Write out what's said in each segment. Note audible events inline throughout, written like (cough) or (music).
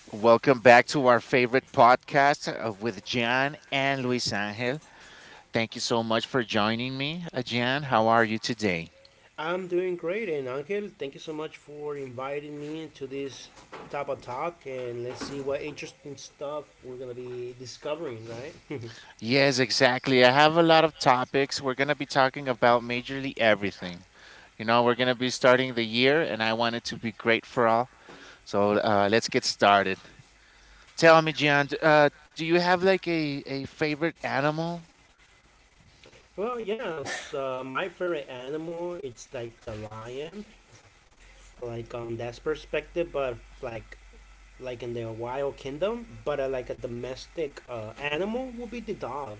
Welcome back to our favorite podcast with Jan and Luis Angel. Thank you so much for joining me, Jan. How are you today? I'm doing great, and Angel, thank you so much for inviting me to this type of talk, and let's see what interesting stuff we're gonna be discovering, right? (laughs) Yes, exactly. I have a lot of topics. We're going to be talking about majorly everything. You know, we're going to be starting the year, and I want it to be great for all. So let's get started. Tell me, Jan, do you have like a favorite animal. Well, yeah, it's my favorite animal it's like the lion, like on that perspective, but like in the wild kingdom, but like a domestic animal would be the dog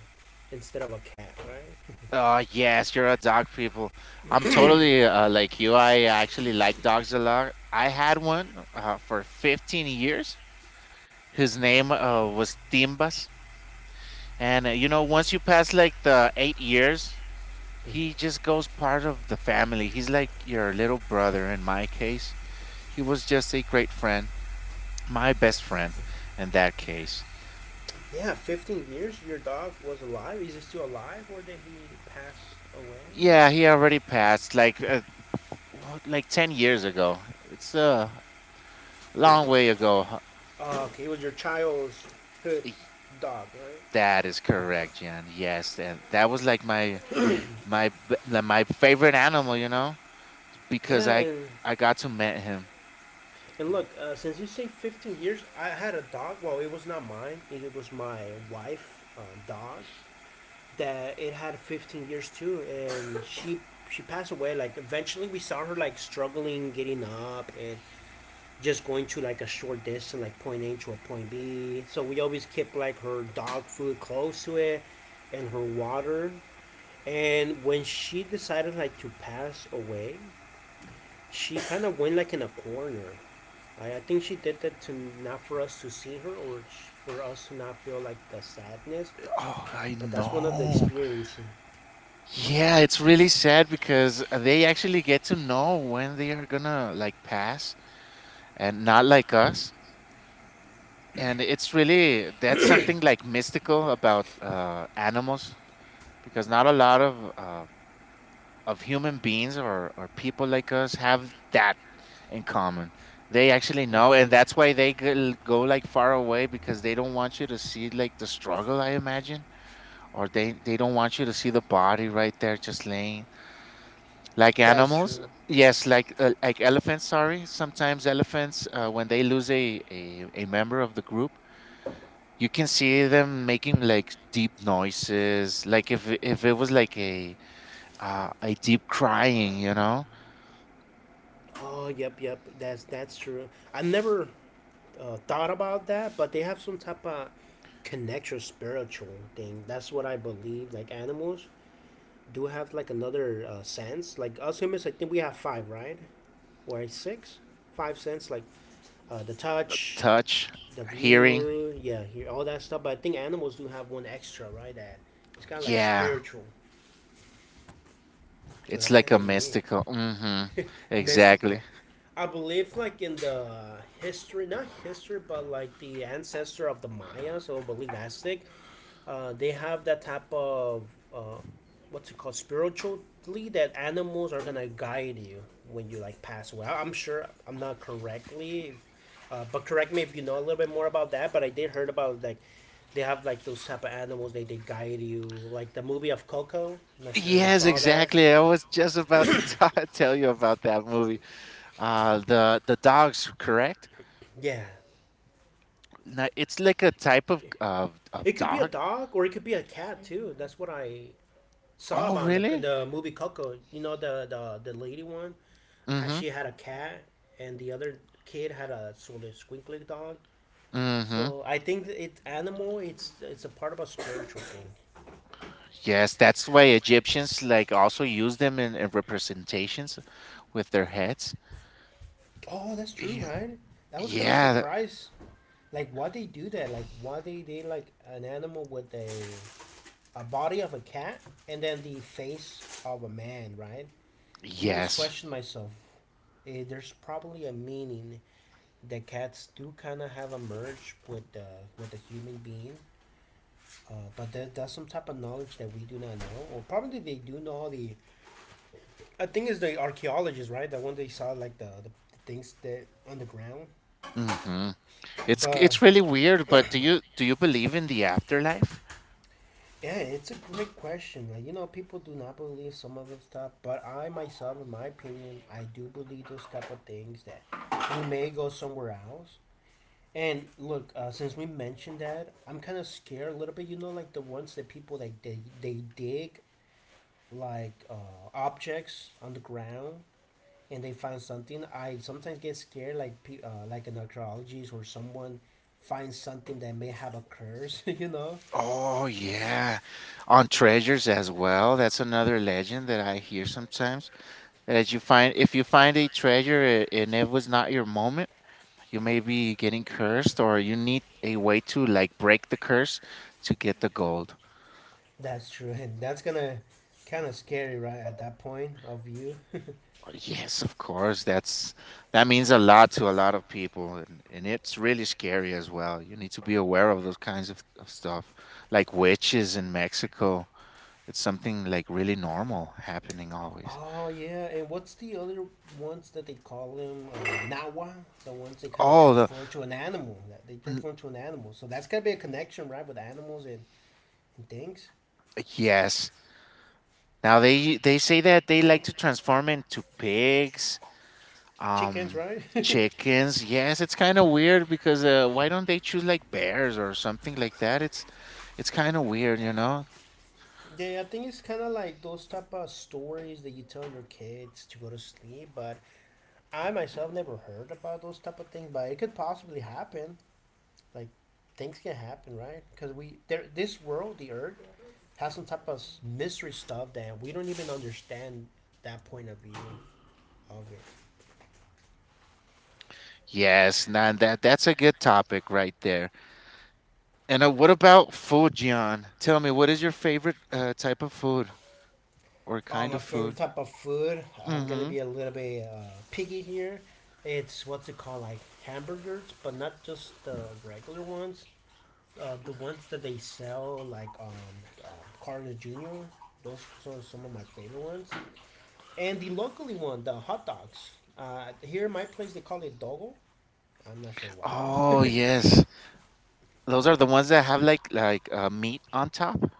instead of a cat, right? (laughs) Oh, yes, you're a dog people. I'm totally like you. I actually like dogs a lot. I had one for 15 years. His name was Timbas. And you know, once you pass like the 8 years, he just goes part of the family. He's like your little brother in my case. He was just a great friend, my best friend in that case. Yeah, 15 years your dog was alive. Is he still alive, or did he pass away? Yeah, he already passed like 10 years ago. It's a long way ago, huh? Oh, okay, he was your child's pet dog, right? That is correct, Jan. Yes, and that was like my like my favorite animal, you know, because Yeah, I and I got to meet him. and look, since you say 15 years, I had a dog. Well, it was not mine. It was my wife' dog. That it had 15 years too, and (laughs) she passed away. Like eventually, we saw her like struggling getting up and just going to like a short distance, like point A to a point B. So we always kept like her dog food close to it, and her water. And when she decided like to pass away, she kind of went like in a corner. I think she did that to not for us to see her or for us to not feel like the sadness. Oh, I But that's one of the know. experiencing. Yeah, it's really sad because they actually get to know when they are gonna like pass and not like us. And it's really that's something like mystical about animals because not a lot of human beings or people like us have that in common. They actually That's know, and true. that's why they go like far away because they don't want you to see like the struggle, I imagine, or they don't want you to see the body right there just laying like That's animals. true. Yes, like elephants. Sorry, sometimes elephants when they lose a a member of the group, you can see them making like deep noises, like if it was like a deep crying, you know. Oh, yep, yep. That's true. I never thought about that, but they have some type of connection, spiritual thing. That's what I believe. Like animals do have like another sense. Like us humans, I think we have five, right? Or six, five cents like the touch, Touch, the hearing. view, yeah, here all that stuff. But I think animals do have one extra, right? That it's kind of like Yeah, spiritual, so it's that's like kind a of unique. mystical. Hmm. (laughs) Mystical. Exactly. I believe like in the history, not history, but like the ancestor of the Mayas or believe Aztec, they have that type of uh, what's it called, spiritually, that animals are gonna guide you when you like pass away. I'm sure I'm not correctly, but correct me if you know a little bit more about that. But I did heard about like they have like those type of animals they guide you, like the movie of Coco. I'm not sure if you Yes, saw that. exactly. I was just about to (laughs) tell you about that movie. The dogs, correct? Yeah, No, it's like a type of it could be a dog. dog or it could be a cat too. That's what I saw Oh, about in the, in really? the movie Coco. You know the the lady one. Mm-hmm. She had a cat, and the other kid had a sort of squinkly dog. Mm-hmm. So I think that it animal it's a part of a spiritual thing. Yes, that's why Egyptians like also use them in representations with their heads. Oh, that's true, Yeah. right? I was kind of Yeah. surprised, like why they do that, like why they did like an animal with a body of a cat and then the face of a man, right? I'm always Yes. questioning myself. Eh, there's probably a meaning that cats do kind of have a merge with the human being. But that's some type of knowledge that we do not know, or probably they do know all the. I think it's the archaeologists, right? The one they saw like the things that on the ground. Mm-hmm. It's But it's really weird, but do you believe in the afterlife? yeah, it's a great question. Like you know, people do not believe some of the stuff, but I myself, in my opinion, I do believe those type of things that we may go somewhere else. And look, since we mentioned that, I'm kind of scared a little bit. You know, like the ones that people like they dig like objects on the ground and they find something, I sometimes get scared, like like an archaeologist or someone finds something that may have a curse. (laughs) You know, Oh yeah, on treasures as well. That's another legend that I hear sometimes. That as you find, if you find a treasure and it was not your moment, you may be getting cursed, or you need a way to like break the curse to get the gold. that's true, and that's gonna kind of scary, right? At that point of view. (laughs) Oh, yes, of course. That's that means a lot to a lot of people, and it's really scary as well. You need to be aware of those kinds of stuff, like witches in Mexico. It's something like really normal happening always. Oh yeah, and what's the other ones that they call them? Nawa, the ones they kind of Oh, transform to an animal. That they n- transform to an animal. So that's gotta be a connection, right, with animals and things. yes. Now they say that they like to transform into pigs, Chickens, um, right? (laughs) chickens. Yes, it's kind of weird because why don't they choose like bears or something like that? It's kind of weird, you know. Yeah, I think it's kind of like those type of stories that you tell your kids to go to sleep, but I myself never heard about those type of things, but it could possibly happen. Like things can happen, right? Because we there this world, the earth, has some type of mystery stuff that we don't even understand that point of view of it. Yes, now that that's a good topic right there. And what about food, Gian? Tell me, what is your favorite type of food or Oh, kind my of favorite food? type of food. I'm gonna Mm-hmm. be a little bit picky here. It's what's it called, like hamburgers, but not just the regular ones. Uh, the ones that they sell, like uh, Carter Jr. Those are some of my favorite ones, and the locally one, the hot dogs. Here in my place, they call it dogo. I'm not sure why. Oh (laughs) yes. Those are the ones that have like meat on top.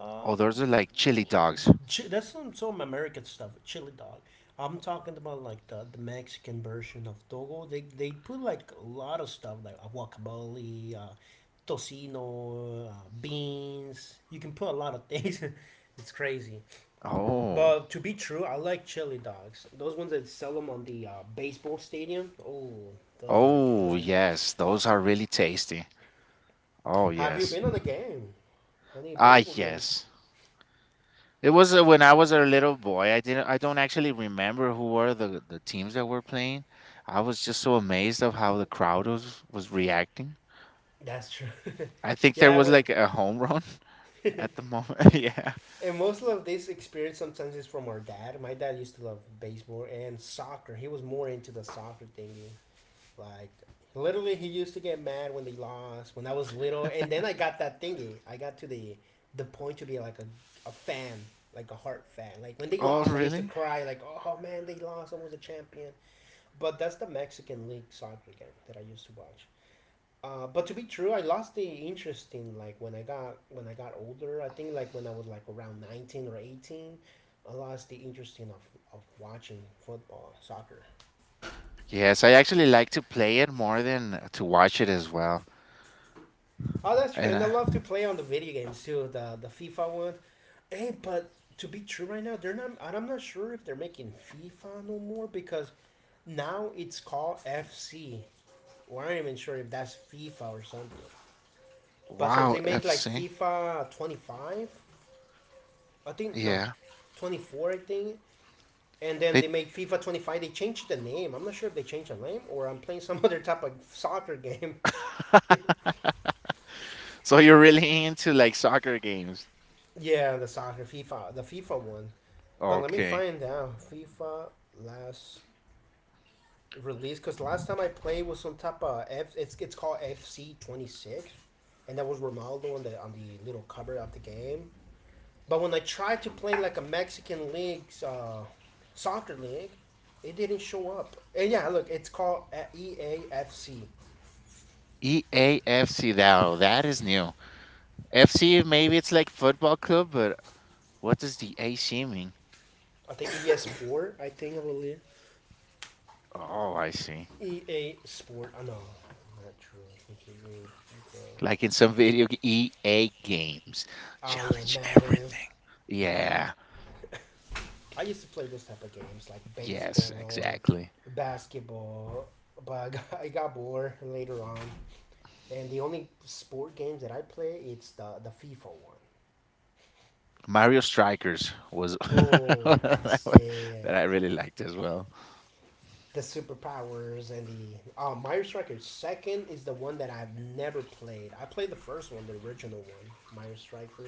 uh, Oh, those are like chili dogs. That's some American stuff, chili dog. I'm talking about like the Mexican version of dogo. They put like a lot of stuff like guacamole, tocino, beans. You can put a lot of things. (laughs) It's crazy. Oh, But to be true, I like chili dogs. Those ones that sell them on the baseball stadium. Oh, those are oh good. yes, those are really tasty. Oh Have you yes, been on a game? On a ah baseball game? yes. It was when I was a little boy. I didn't. I don't actually remember who were the teams that were playing. I was just so amazed of how the crowd was reacting. That's true. I (laughs) think there Yeah, I was would. like a home run (laughs) at the (laughs) moment. (laughs) Yeah. And most of this experience sometimes is from our dad. My dad used to love baseball and soccer. He was more into the soccer thingy. Like literally, he used to get mad when they lost when I was little, and then I got that thingy. I got to the point to be like a fan, like a heart fan. Like when they Oh lost, I used to really? cry like, "Oh man, they lost! I was a champion." But that's the Mexican League soccer game that I used to watch. But to be true, I lost the interest in like when I got older. I think like when I was like around 19 or 18, I lost the interest in of watching football, soccer. Yes, I actually like to play it more than to watch it as well. Oh, that's true. And. And I love to play on the video games too, the FIFA one. Hey, but to be true, right now they're not. And I'm not sure if they're making FIFA no more because now it's called FC. I'm not even sure if that's FIFA or something. But since Wow, they make like FC. FIFA 25, I think no, Yeah. 24, I think. And then They they make FIFA 25. They changed the name. I'm not sure if they changed the name or I'm playing some (laughs) other type of soccer game. (laughs) (laughs) So you're really into like soccer games. Yeah, the soccer FIFA, the FIFA one. But let me Okay. find out FIFA last release because last time I played was some type of F. It's called FC 26, and that was Ronaldo on the little cover of the game. But when I tried to play like a Mexican league, soccer league, it didn't show up. And yeah, look, it's called EAFC. EAFC now, that is new. FC maybe it's like football club, but what does the AC mean? I think Yes. ES4. I think I believe. Oh, I see. EA Sport. I oh, know, not true. Continue. Like in some EA games. Oh yeah, Challenge Madden. everything. Yeah. (laughs) I used to play those type of games like Yes, baseball or exactly. basketball, but I got bored later on. And the only sport games that I play, it's the FIFA one. Mario Strikers was (laughs) Oh, that this- yeah, yeah, yeah. I really liked as well. The superpowers and the oh, Mario Striker. Second is the one that I've never played. I played the first one, the original one, Mario Striker,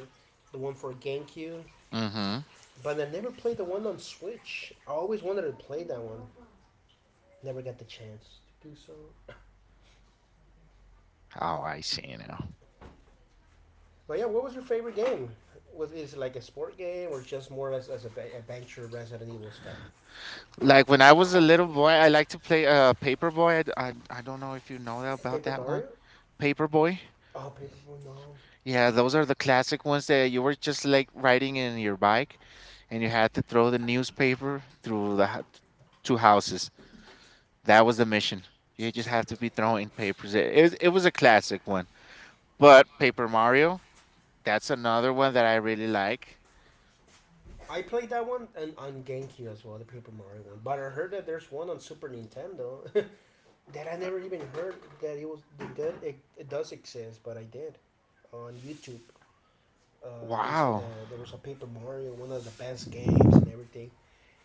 the one for GameCube. Mm-hmm. But I never played the one on Switch. I always wanted to play that one. Never got the chance to do so. Oh, I see now. But yeah, what was your favorite game? Was is it like a sport game or just more as a adventure Resident Evil stuff? Like when I was a little boy, I like to play Paperboy. I, d- I don't know if you know about Paper that one. Mario? Paperboy. Oh, Paper Mario. No, Yeah, those are the classic ones that you were just like riding in your bike and you had to throw the newspaper through two houses. That was the mission. You just have to be throwing papers. It was a classic one. But Paper Mario, that's another one that I really like. I played that one and on GameCube as well, the Paper Mario one. But I heard that there's one on Super Nintendo (laughs) that I never even heard that it was that it does exist, but I did on YouTube. Uh, they said Wow. that there was a Paper Mario, one of the best games and everything.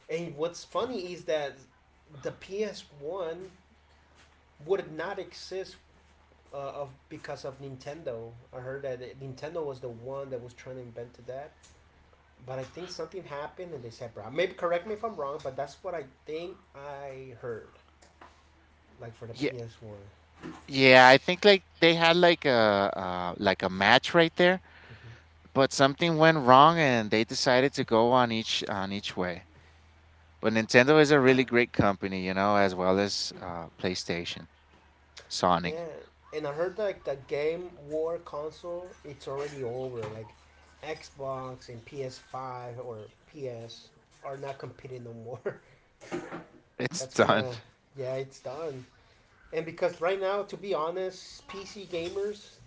And what's funny is that the PS One would not exist uh, of because of Nintendo. I heard that Nintendo was the one that was trying to invent that, but I think something happened and they said, "Bro, maybe correct me if I'm wrong, but that's what I think I heard." Like for the Yeah, PS One, yeah, I think like they had like a match right there. But something went wrong and they decided to go on each way. But Nintendo is a really great company, you know, as well as PlayStation, Sonic. yeah, and I heard like the game war console, it's already over. Like Xbox and PS5 or PS are not competing no more. (laughs) It's That's kind done. of (laughs) yeah, it's done. And because right now, to be honest, PC gamers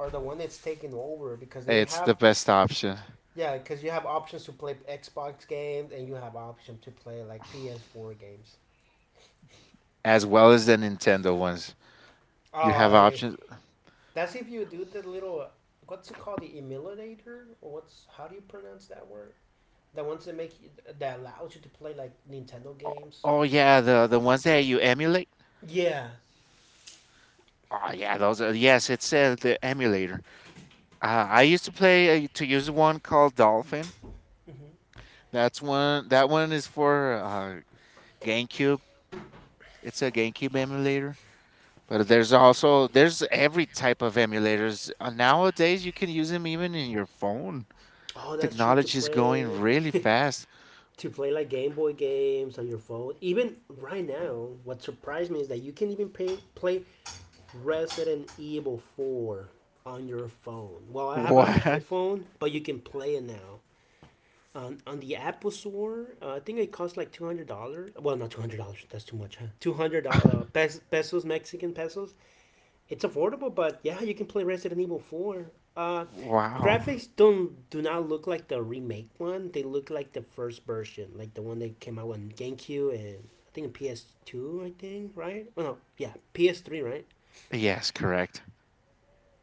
are the one that's taking over because they It's have, the best option, yeah, because you have options to play Xbox games and you have option to play like PS4 games. as well as the Nintendo ones. You Oh, have I. options. That's if you do the little, what's it called, the emulator? Or what's how do you pronounce that word? That wants to make you, that allows you to play like Nintendo Oh games. oh, yeah, the ones that you emulate. Yeah. Oh yeah, those are yes. It's the emulator. I used to play to use one called Dolphin. That's one. That one is for GameCube. It's a GameCube emulator. But there's also there's every type of emulators. Nowadays, you can use them even in your phone. Oh, that's true. Technology is going really fast. (laughs) (laughs) To play like Game Boy games on your phone. Even right now, what surprised me is that you can even play Resident Evil Four on your phone. Well, I have an What? iPhone, but you can play it now, on the Apple Store. I think it cost like $200. Well, not $200. That's too much. Huh? 200 pesos, Mexican pesos. It's affordable, but yeah, you can play Resident Evil Four. Uh, Wow. Graphics don't do not look like the remake one. They look like the first version, like the one that came out on GameCube and I think PS2. I think, right? Oh no, yeah, PS3, right? Yes, correct.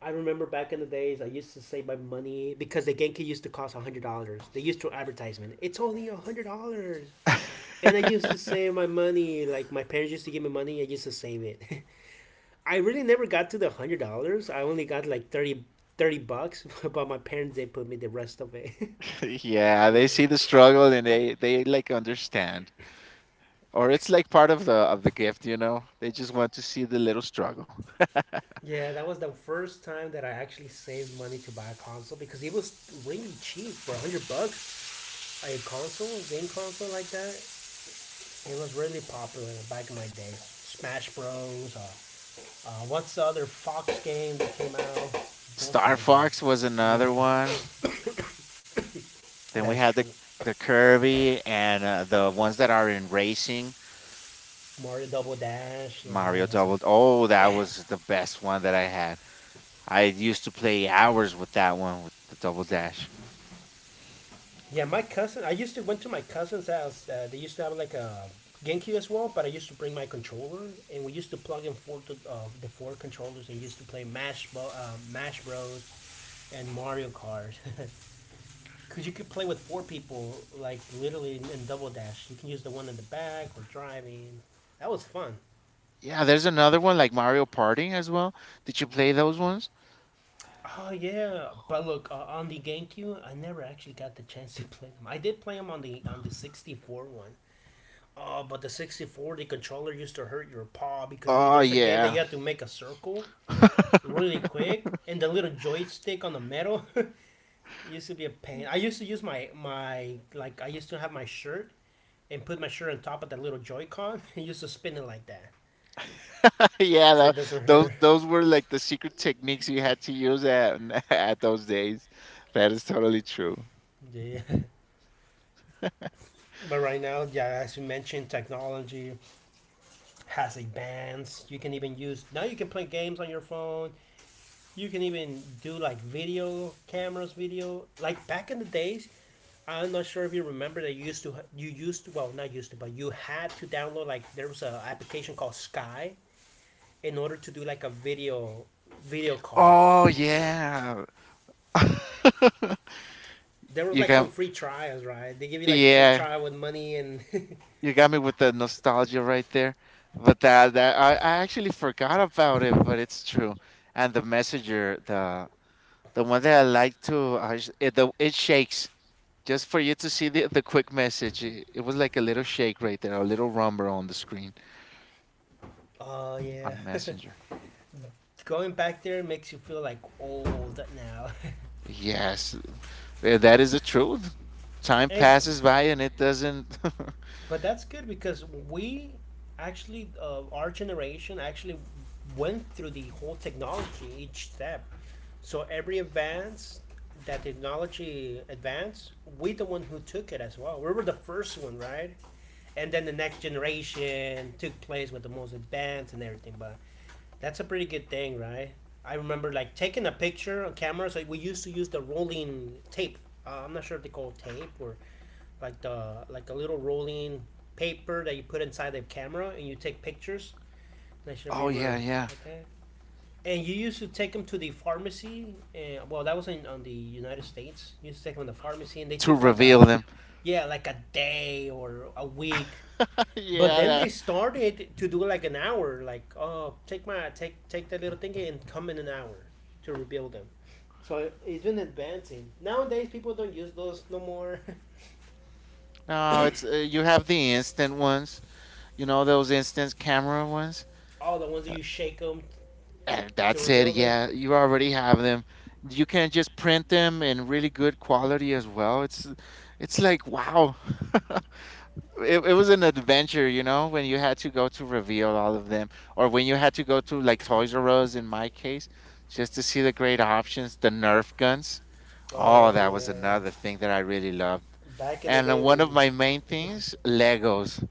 I remember back in the days, I used to save my money because the GameCube used to cost $100. They used to advertisement. It's only $100. And I used (laughs) to save my money, like my parents used to give me money, I used to save it. (laughs) I really never got to the $100. I only got like $30, (laughs) but my parents they put me the rest of it. (laughs) Yeah, Yeah. they see the struggle and they like understand. Or it's like part of the gift, you know. They just want to see the little struggle. Yeah, that was the first time that I actually saved money to buy a console because it was really cheap for $100. Like, a console, a game console like that, it was really popular back in my day. Smash Bros. What's the other Fox game that came out? Those Star type of Fox was games. another Yeah, one. Then we that's had true. the Kirby and the ones that are in racing. Mario Double Dash. Yeah, Mario that's it. Double. Oh, that was the best one that I had. I used to play hours with that one with the Double Dash. Yeah, my cousin. I used to went to my cousin's house. They used to have like a GameCube as well, but I used to bring my controller, and we used to plug in the four controllers and used to play Mash Bros. And Mario Kart. (laughs) Because you could play with four people, like literally in Double Dash. You can use the one in the back or driving. That was fun. Yeah, there's another one like Mario Party as well. Did you play those ones? Oh yeah, but look, on the GameCube, I never actually got the chance to play them. I did play them on the 64 one. Oh, but the 64, the controller used to hurt your paw because you Oh there's a game that yeah, you have to make a circle really quick, and the little joystick on the metal (laughs) used to be a pain. I used to use my like I used to have my shirt and put my shirt on top of that little Joy-Con (laughs) and used to spin it like that. (laughs) yeah. For it doesn't hurt. those were like the secret techniques you had to use at (laughs) at those days. That is totally true. Yeah. (laughs) But right now, yeah, as you mentioned, technology has advanced. You can even use now you can play games on your phone. You can even do like video cameras, video like back in the days. I'm not sure if you remember that you used to, well not used to but you had to download like there was an application called Sky in order to do like a video call. Oh yeah. (laughs) There was You like can. some free trials, right? They give you like free Yeah, trial with money and (laughs) you got me with the nostalgia right there. But that, I actually forgot about it, but it's true. And the messenger, the one that I like to, I, s- it, the, it shakes just for you to see the quick message. It was like a little shake right there, a little rumble on the screen oh yeah. on (laughs) messenger. Going back there makes you feel like old now. Yes, that is the truth. Time (laughs) Hey, passes by and it doesn't. but that's good because we actually, our generation actually went through the whole technology each step. So every advance that technology advanced, we the one who took it as well. We were the first one, right? And then the next generation took place with the most advanced and everything. But that's a pretty good thing, right? I remember like taking a picture on camera. So we used to use the rolling tape. I'm not sure if they call it tape or like a little rolling paper that you put inside the camera and you take pictures. And I should have (laughs) Oh yeah, ever yeah. had that. And you used to take them to the pharmacy. And, well, that was in on the United States. You used to take them to the pharmacy, and they To took like reveal them. yeah, like a day or a week. (laughs) But Yeah. then they started to do like an hour. Like, oh, take my take take that little thingy and come in an hour to reveal them. So it's been advancing. Nowadays, people don't use those no more. No, it's you have the instant ones. You know those instant camera ones? (laughs) All the ones that Uh, you shake them (clears throat) And to that's it. rebuild it. Yeah, you already have them. You can just print them in really good quality as well. It's like wow. (laughs) It was an adventure, you know, when you had to go to reveal all of them, or when you had to go to like Toys R Us in my case, just to see the great options, the Nerf guns. Oh, Oh that was yeah, another thing that I really loved. back in the And day one of when my main (laughs) things, Legos.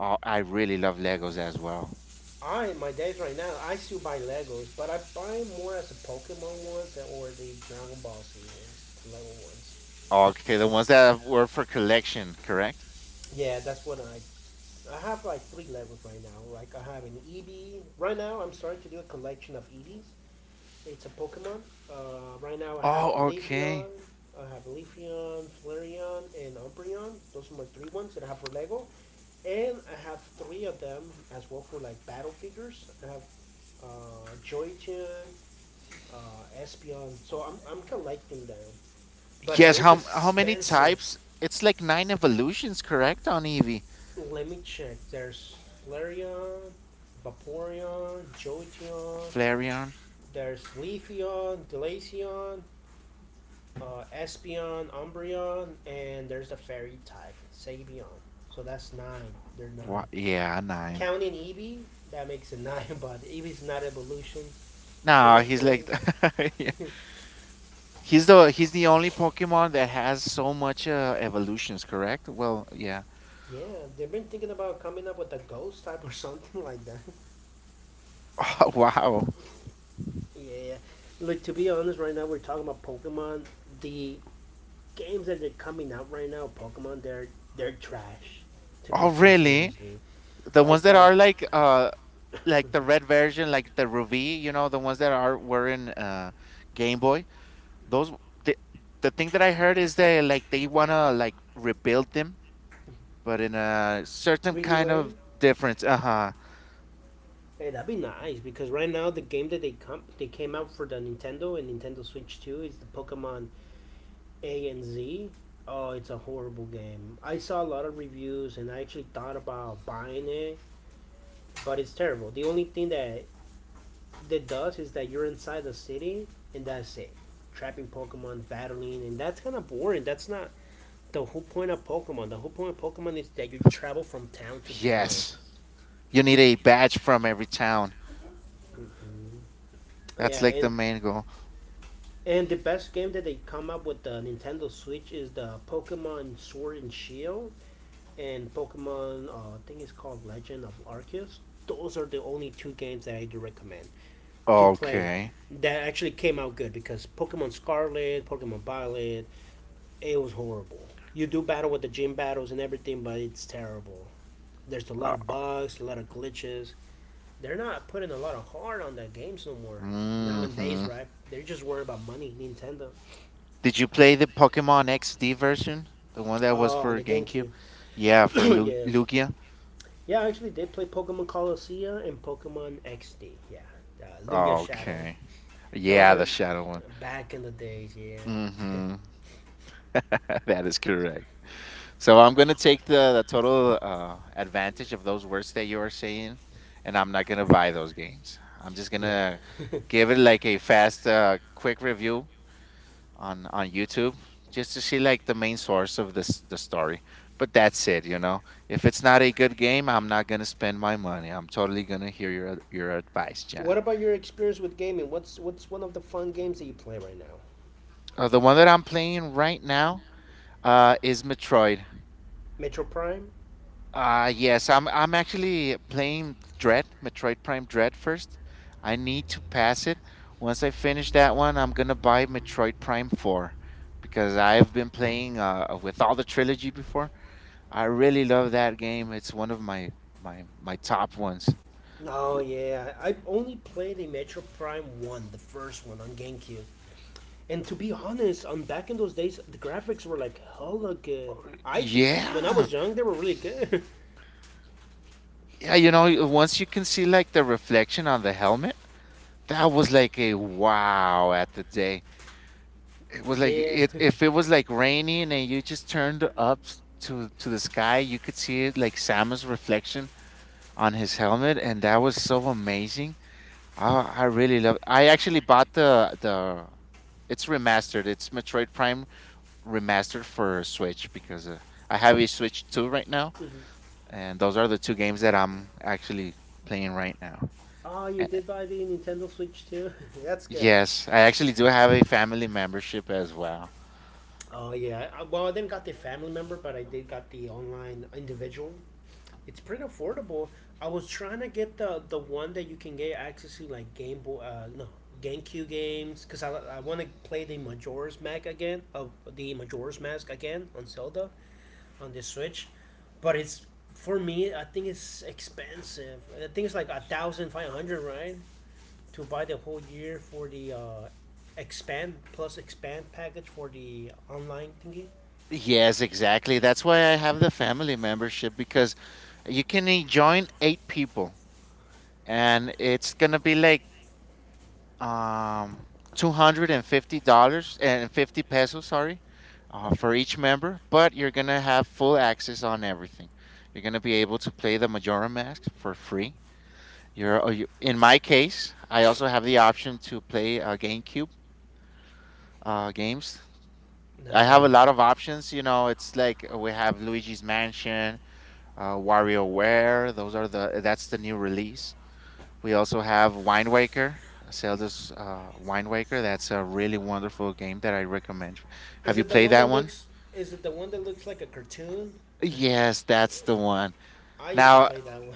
Oh, I really love Legos as well. I in my days right now I still buy Legos, but I buy more as the Pokemon ones or the Dragon Ball series Lego ones. Okay, the ones that were for collection, correct? Yeah, that's what I. I have like three Legos right now. Like I have an ED. Right now, I'm starting to do a collection of EDs. It's a Pokemon. Uh, right now I have Oh, Leafeon, okay. I have Leafeon, Flareon, and Umbreon. Those are my three ones that I have for Lego. And I have three of them as well for like battle figures. I have Joy-Chan, Espeon. So I'm collecting them. But it Yes, is how many expensive. types? It's like nine evolutions, correct, on Eevee? Let me check. There's Flareon, Vaporeon, F- Joy-Chan, Flareon? there's Leafeon, Glaceon, Espeon, Umbreon, and there's the fairy type, Sabian. So that's nine. They're nine. What? Yeah, nine. Counting Eevee, that makes it (laughs) nine, but Eevee's not evolution. So No, there's he's eight. like, (laughs) yeah. He's the only Pokemon that has so much evolutions, correct? Well, yeah. (laughs) Yeah, they've been thinking about coming up with a ghost type or (laughs) something like that. (laughs) Oh, wow. (laughs) Yeah. Like, to be honest, right now we're talking about Pokemon. The games that they're coming out right now, Pokemon, they're trash. To be Oh, really? sincerely, The ones like that the are like the (laughs) red version, like the Ruby, you know, the ones that are were in Game Boy. Those the the thing that I heard is that like they wanna like rebuild them, but in a certain 3D kind Way. of difference. Uh huh. Hey, that'd be nice because right now the game that they came out for the Nintendo and Nintendo Switch 2 is the Pokemon A and Z. Oh, it's a horrible game. I saw a lot of reviews and I actually thought about buying it, but it's terrible. The only thing that does is that you're inside the city and that's it. Trapping Pokemon, battling, and that's kind of boring. That's not the whole point of Pokemon. The whole point of Pokemon is that you travel from town to town. Yes, you need a badge from every town. Mm-hmm. That's Yeah, like the and main goal. And the best game that they come up with the Nintendo Switch is the Pokemon Sword and Shield and Pokemon, I think it's called Legend of Arceus. Those are the only two games that I do recommend to play Okay. that actually came out good because Pokemon Scarlet, Pokemon Violet, it was horrible. You do battle with the gym battles and everything, but it's terrible. There's a lot Uh, of bugs, a lot of glitches. They're not putting a lot of heart on that games no more. Nowadays, mm-hmm. right? They're just worried about money, Nintendo. Did you play the Pokemon XD version? The one that was Oh, on for the GameCube? GameCube. Yeah, for (coughs) (clears throat) Yeah, Lugia. yeah. I actually did play Pokemon Colosseum and Pokemon XD. Yeah, Lugia Shadow. Okay. Those Yeah, are, the yeah, the shadow one. shit back in the days. Yeah. Mm-hmm. (laughs) That is correct. So I'm gonna take the total advantage of those words that you are saying, and I'm not gonna buy those games. I'm just (laughs) Yeah. gonna give it like a fast, quick review on YouTube just to see like the main source of this the story. But that's it, you know. If it's not a good game, I'm not gonna spend my money. I'm totally gonna hear your advice, (laughs) What John. about your experience with gaming? What's one of the fun games that you play right now? The one that I'm playing right now is Metroid. Metro Prime. I'm actually playing Dread, Metroid Prime Dread first. I need to pass it. Once I finish that one, I'm gonna buy Metroid Prime 4 because I've been playing with all the trilogy before. I really love that game. It's one of my top ones. Oh yeah, I only played the Metro Prime one, the first one on GameCube. And to be honest, on back in those days, the graphics were like hella good. I, when I Yeah, was young, they were really good. yeah, you know, once you can see like the reflection on the helmet, that was like a wow at the day. It was (laughs) like Yeah. it if it (laughs) was like raining and you just turned up to the sky, you could see it like Samus' reflection on his helmet, and that was so amazing. I really love. I actually bought the. It's remastered. It's Metroid Prime remastered for Switch because I have a Switch 2 right now, Mm-hmm. and those are the two games that I'm actually playing right now. Oh, you A- did buy the Nintendo Switch too? (laughs) That's good. Yes, I actually do have a family membership as well. Oh yeah. Well, I didn't got the family member, but I did got the online individual. It's pretty affordable. I was trying to get the one that you can get access to, like Game Boy. No, GameCube games, because I want to play the Majora's Mask again, of the Majora's Mask again on Zelda on the Switch, but it's for me. I think it's expensive. I think it's like 1,500, right? To buy the whole year for the expand plus expand package for the online thingy. Yes, exactly. That's why I have the family membership because you can join eight people and it's gonna be like um $250 and 50 pesos, sorry, for each member. But you're gonna have full access on everything. You're gonna be able to play the Majora Mask for free. You, in my case, I also have the option to play GameCube games. I have a Nice. lot of options. You know, it's like we have Luigi's Mansion, WarioWare. Those are the That's the new release. We also have Wind Waker, Zelda's Wind Waker. That's a really wonderful game that I recommend. Have Is you it the played one that that one? looks? Is it the one that looks like a cartoon? Yes, that's the one. I used to Now, play that one.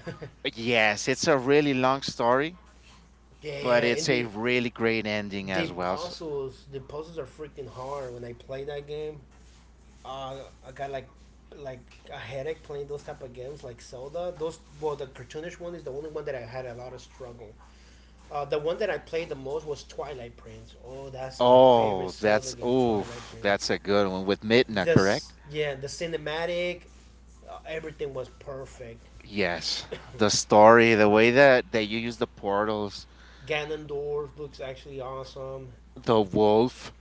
yes, it's a really long story, (laughs) but Yeah, and it's a the really great ending the as well. Puzzles, the puzzles are freaking hard. When I play that game, uh, I got like a headache playing those type of games like Zelda. Those well, the cartoonish one is the only one that I had a lot of struggle. The one that I played the most was Twilight Prince. Oh, that's my favorite Oh, Zelda that's game, Twilight oof, Prince. that's a good one with Midna, correct? Yeah, the cinematic, everything was perfect. Yes. The story, the way that you use the portals, Ganondorf looks actually awesome. the wolf.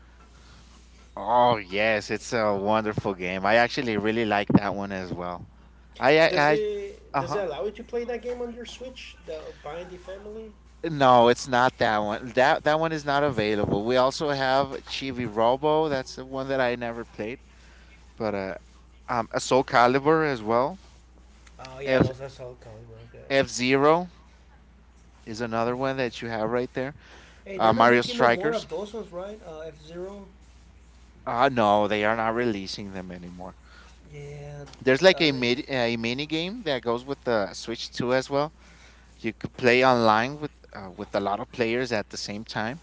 Oh yes, it's a wonderful game. I actually really like that one as well. I I, Does I it uh does it huh. allow you to play that game on your Switch, the Binding Family? No, it's not that one. That one is not available. We also have Chibi Robo. That's the one that I never played, but a Soul Calibur as well. Oh yeah, F those are so cool, Calibur, good. F Zero is another one that you have right there. Hey, they're not Mario making no more Strikers. of those ones, right? F Zero. No, they are not releasing them anymore. Yeah. There's like Uh, a mid a mini game that goes with the Switch Two as well. You could play online with a lot of players at the same time,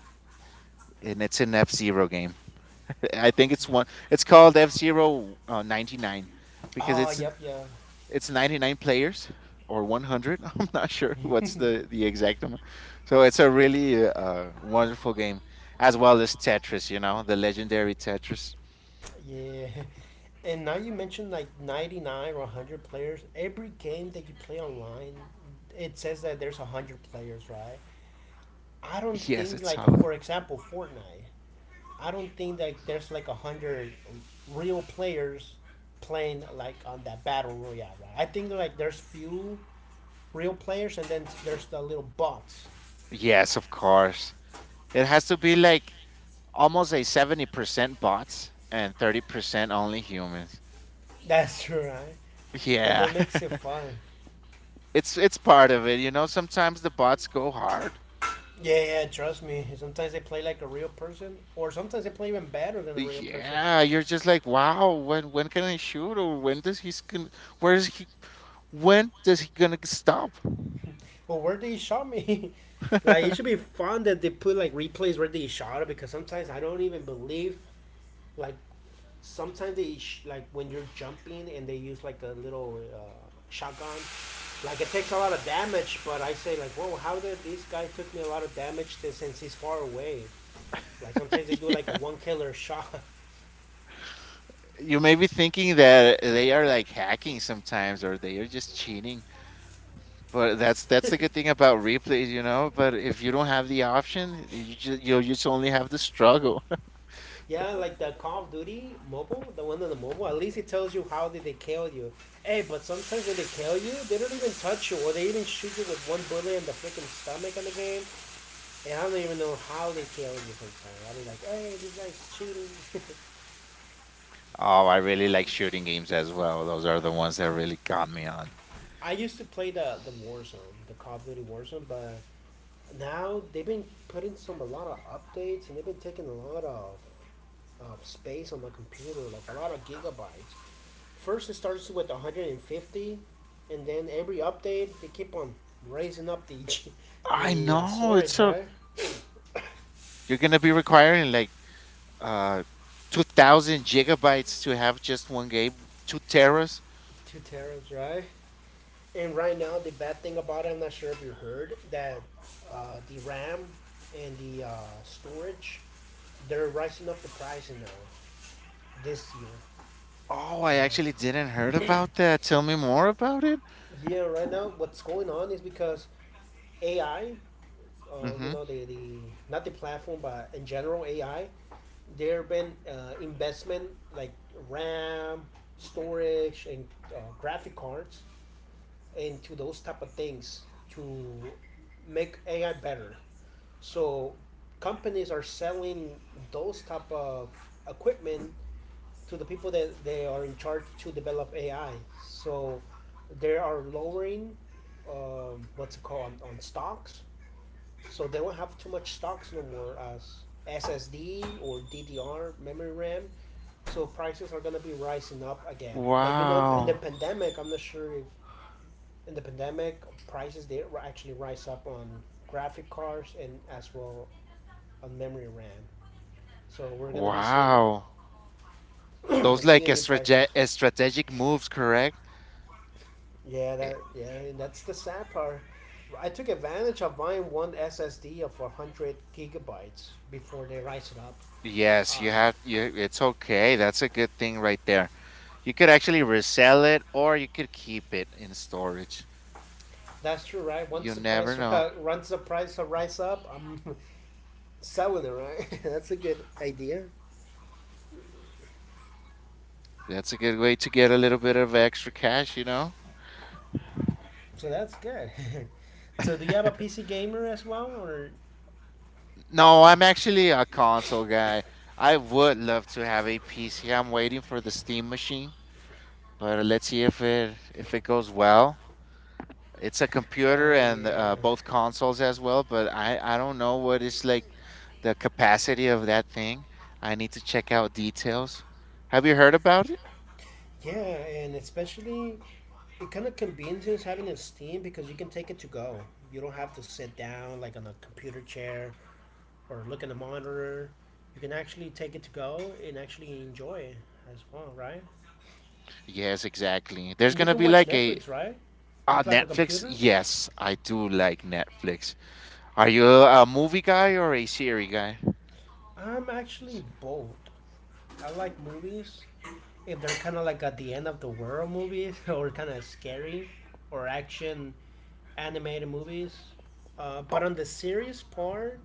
and it's an F Zero game. (laughs) I think it's one. It's called F Zero 99, because oh, it's yep, yeah, it's 99 players or 100. (laughs) I'm not sure what's the exact amount. So it's a really wonderful game, as well as Tetris. You know the legendary Tetris. yeah. (laughs) And now you mentioned like 99 or 100 players. Every game that you play online, it says that there's 100 players, right? I don't Yes, think, it's like, how. for example, Fortnite, I don't think that there's like 100 real players playing like on that battle royale, right? I think like there's few real players and then there's the little bots. Yes, of course. It has to be like almost a 70% bots and 30% only humans. (laughs) That's true, right. But Yeah. that makes it (laughs) fun. It's part of it, you know, sometimes the bots go hard. Yeah, yeah, trust me. Sometimes they play like a real person, or sometimes they play even better than a real person. Yeah, you're just like, "Wow, when can I shoot or when does he's going, where is he, when does he gonna stop?" Well, where did he shot me? (laughs) Like, it should be fun that they put like replays where they shot it because sometimes I don't even believe, like, sometimes like when you're jumping and they use like a little shotgun. Like it takes a lot of damage, but I say like, whoa, how did this guy took me a lot of damage to, since he's far away? Like sometimes they do like a (laughs) one killer shot. (laughs) You may be thinking that they are like hacking sometimes or they are just cheating. But that's the good thing about replays, you know, but if you don't have the option, you just only have the struggle. (laughs) Yeah, like the Call of Duty mobile, the one on the mobile. At least it tells you how did they kill you. Hey, but sometimes when they kill you, they don't even touch you, or they even shoot you with one bullet in the freaking stomach in the game. And I don't even know how they kill you sometimes. I'll be like, hey, this guy's cheating. Oh, I really like shooting games as well. Those are the ones that really got me on. (laughs) I used to play the Warzone, the Call of Duty Warzone, but now they've been putting some a lot of updates and they've been taking a lot of space on my computer, like a lot of gigabytes. First, it starts with 150, and then every update they keep on raising up the (laughs) I the know it's storage, so right? (coughs) you're gonna be requiring like uh 2000 gigabytes to have just one game, two teras. Two terabytes, right? And right now, the bad thing about it, I'm not sure if you heard that the RAM and the storage, they're rising up the price now this year. Oh, Uh, I actually didn't heard about that. Tell me more about it. yeah, right now what's going on is because AI, you Mm-hmm. know, the not the platform, but in general AI, there have been investment like RAM, storage, and graphic cards into those type of things to make AI better. So companies are selling those type of equipment to the people that they are in charge to develop AI. So they are lowering what's it called on stocks. So they won't have too much stocks no more as SSD or DDR memory RAM. So prices are gonna be rising up again. Like you know, in the Wow. pandemic, I'm not sure if in the pandemic, prices actually rise up on graphic cards and as well on memory RAM. So we're gonna be seeing Wow. (clears throat) Those like seeing a the prices. Strategic moves, correct? Yeah, that's the sad part. I took advantage of buying one SSD of 100 gigabytes before they rise it up. Yes, you have Uh, you it's okay. That's a good thing right there. You could actually resell it or you could keep it in storage. that's true, right? You Once the never price know. (laughs) once the price rise up, I'm (laughs) selling it, right? (laughs) That's a good idea. That's a good way to get a little bit of extra cash, you know? (laughs) So that's good. (laughs) So do you have a PC gamer as well, or? No, I'm actually a console guy. I would love to have a PC. I'm waiting for the Steam machine, but let's see if it goes well. It's a computer Oh and yeah, both consoles as well, but I don't know what is, like, the capacity of that thing. I need to check out details. Have you heard about it? yeah, and especially it kind of convenience having a steam because you can take it to go. You don't have to sit down like on a computer chair or look at the monitor. You can actually take it to go and actually enjoy it as well, right? Yes, exactly. There's And you gonna can be watch like a— Netflix, right? Ah, It's like a Netflix? computer. Yes, I do like Netflix. Are you a movie guy or a series guy? I'm actually Ser- both. I like movies if they're kind of like at the end of the world movies (laughs) or kind of scary or action animated movies. Oh, But on the series part,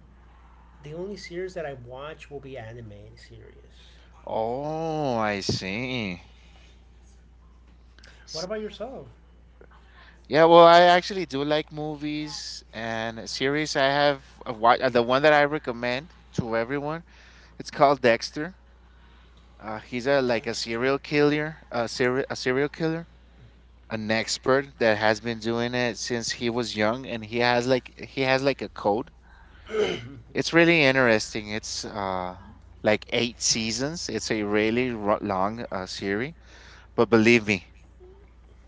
the only series that I watch will be animated series. oh, I see. What S- about yourself? Yeah, well, I actually do like movies and series. I have a the one that I recommend to everyone. It's called Dexter. He's a like a Dexter. serial killer, a serial killer, an expert that has been doing it since he was young, and he has like a code. It's really interesting. It's like eight seasons. It's a really long series, but believe me,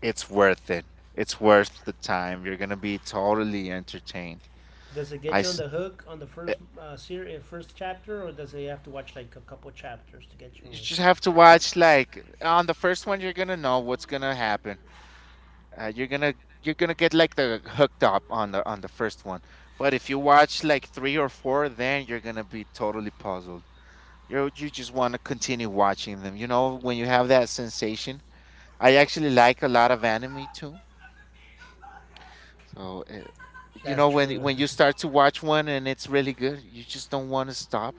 it's worth it. It's worth the time. You're gonna be totally entertained. Does it I get you on s- the hook on the uh, first series, first chapter, or does it have to watch like a couple chapters to get you? you just have to watch like on the first one. You're gonna know what's gonna happen. You're gonna, you're gonna get like the hooked up on the first one, but if you watch like three or four, then you're gonna be totally puzzled. You just want to continue watching them, you know, when you have that sensation. I actually like a lot of anime too, so you That's know when true. when you (laughs) start to watch one and it's really good, you just don't want to stop,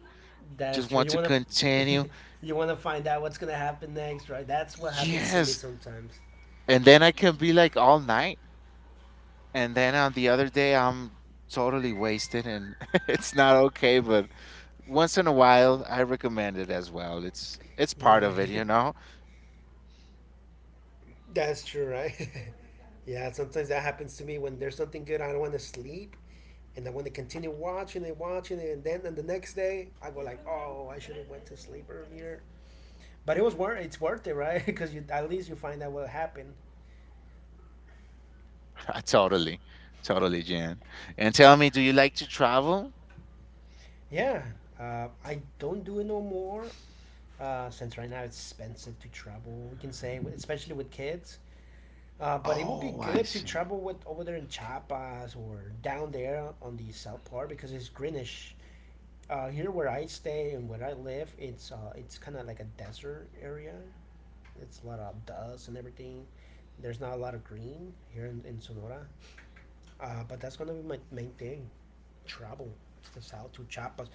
That's just true. want to f- continue. (laughs) you wanna find out what's gonna happen next, right? That's what happens to me Yes, sometimes. and then I can be like all night. And then on the other day, I'm totally wasted and (laughs) it's not okay, but once in a while, I recommend it as well. It's part Yeah, of it, you know? (laughs) that's true, right? (laughs) Yeah, sometimes that happens to me when there's something good. I don't want to sleep, and then when they continue watching and watching it, and then and the next day I go like, oh, I should have went to sleep earlier. But it's worth it, right? Because (laughs) at least you find out what happened. (laughs) Totally. Totally, Jan. And tell me, do you like to travel? Yeah, I don't do it no more since right now it's expensive to travel. We can say, especially with kids. But it would be Oh, I good to see. travel with over there in Chiapas or down there on the south part because it's greenish. Here where I stay and where I live, it's kind of like a desert area. It's a lot of dust and everything. There's not a lot of green here in Sonora. But that's gonna be my main thing. Travel to the south to Chiapas.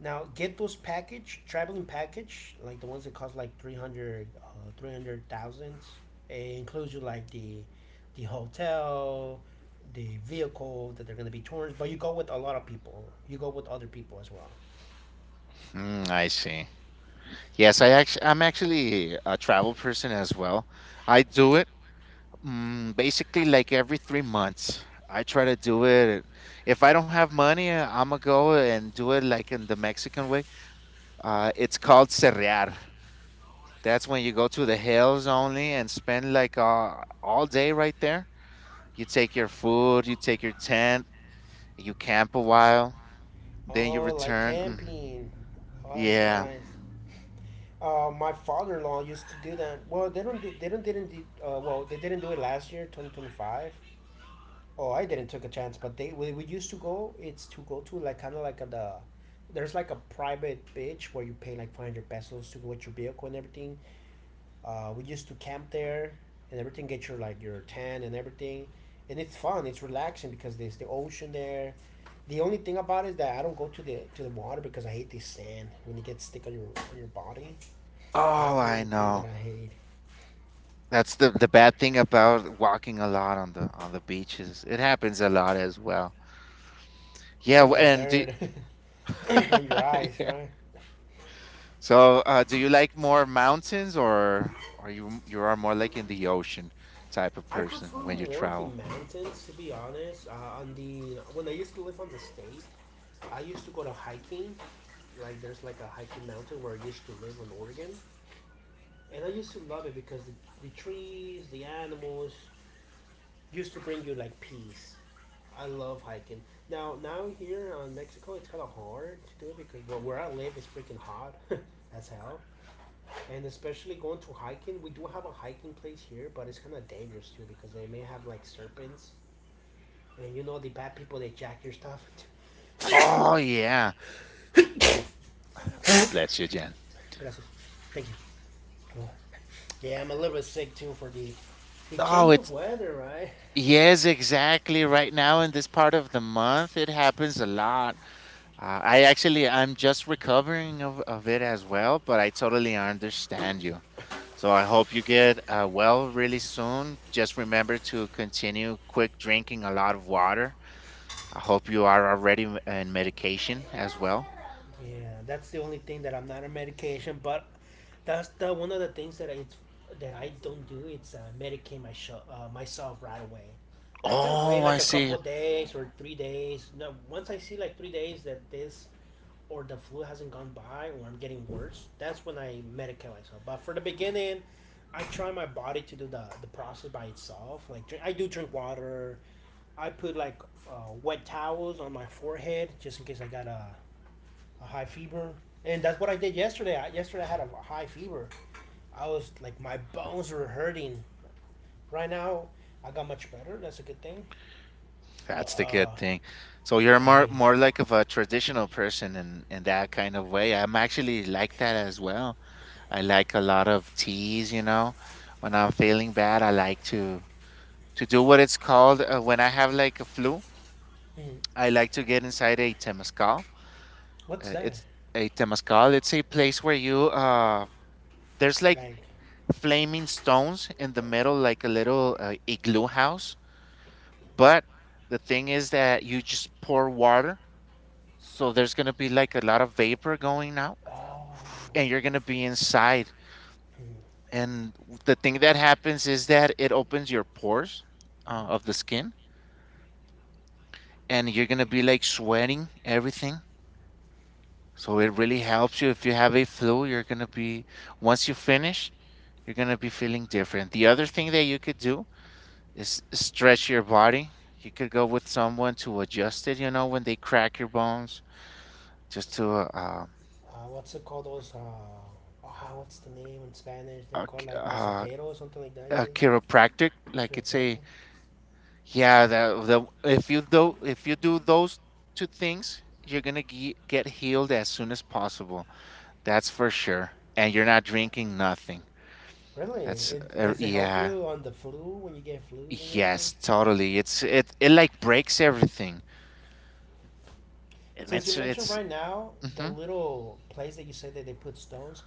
Now get those package traveling package like the ones that cost like 300,000. It includes you like the hotel, the vehicle that they're gonna be touring. But you go with a lot of people. You go with other people as well. Hmm, I see. Yes, I'm actually a travel person as well. I do it, mm, basically like every 3 months. I try to do it. If I don't have money, I'm gonna go and do it like in the Mexican way. It's called cerrear. That's when you go to the hills only and spend like all day right there. You take your food, you take your tent, you camp a while, then you Oh, like return. Mm, camping. Oh, that's yeah. nice. My father-in-law used to do that. Well, they don't. Do, they don't. Didn't. Do, well, they didn't do it last year, 2025. Oh, I didn't took a chance, but we used to go. It's to go to like kind of like a, the. There's like a private beach where you pay like 500 pesos to go with your vehicle and everything. We used to camp there and everything. Get your like your tan and everything, and it's fun. It's relaxing because there's the ocean there. The only thing about it is that I don't go to the water because I hate the sand when it gets thick on your body. That's Oh, the I only thing that know. I hate. That's the bad thing about walking a lot on the beaches. It happens a lot as well. Yeah, And w- the and do, dirt (laughs) on your (laughs) eyes, yeah. right? So, do you like more mountains or or you are more like in the ocean type of I prefer person when you more the travel? mountains, to be honest. On the When I used to live on the state, I used to go to hiking. Like there's like a hiking mountain where I used to live in Oregon, and I used to love it because the trees, the animals, used to bring you like peace. I love hiking. Now here in Mexico, it's kind of hard to do it because well, where I live is freaking hot (laughs) as hell. And especially going to hiking. We do have a hiking place here, but it's kind of dangerous too because they may have like serpents, and you know the bad people they jack your stuff. (coughs) Gracias. Oh, yeah. Ah, bless you, Jen. Thank you. Yeah, I'm a little bit sick too for the Oh, change of it's— weather, right? yes, exactly. Right now in this part of the month, it happens a lot. I'm just recovering of it as well, but I totally understand you. So I hope you get well really soon. Just remember to continue quick drinking a lot of water. I hope you are already in medication as well. Yeah, that's the only thing that I'm not on medication, but that's the one of the things that I don't do. It's medicate myself right away. Like I wait Oh, I like a see. couple days or 3 days. No, once I see like 3 days that this or the flu hasn't gone by or I'm getting worse, that's when I medicate myself. But for the beginning, I try my body to do the process by itself. Like drink, I do drink water. I put like wet towels on my forehead just in case I got a high fever, and that's what I did yesterday. I, yesterday I had a high fever. I was like my bones were hurting. Right now I got much better. That's a good thing. But That's the good thing. So you're I hate. more like of a traditional person in that kind of way. I'm actually like that as well. I like a lot of teas, you know. When I'm feeling bad, I like to do what it's called, when I have like a flu, Mm, I like to get inside a temazcal. What's that? It's a temazcal. It's a place where you there's like Like flaming stones in the middle, like a little igloo house. But the thing is that you just pour water. So there's gonna be like a lot of vapor going out, (sighs) and oh, you're gonna be inside. mm, And the thing that happens is that it opens your pores of the skin, and you're gonna be like sweating everything. So it really helps you if you have a flu. You're gonna be— once you finish, you're gonna be feeling different. The other thing that you could do is stretch your body. You could go with someone to adjust it. You know when they crack your bones, just to what's it called? Those oh, what's the name in Spanish? They're uh, called like uh, masajero or something like that. I think chiropractic, like you're it's a— pregnant. yeah, the if you do those two things you're gonna get healed as soon as possible. That's for sure, and you're not drinking nothing. Really? That's It does it help yeah, you on the flu when you get flus and everything? yes, totally, it's— it like breaks everything, and Since you it's mentioned it's right now the hmm. little place that you said that they put stones,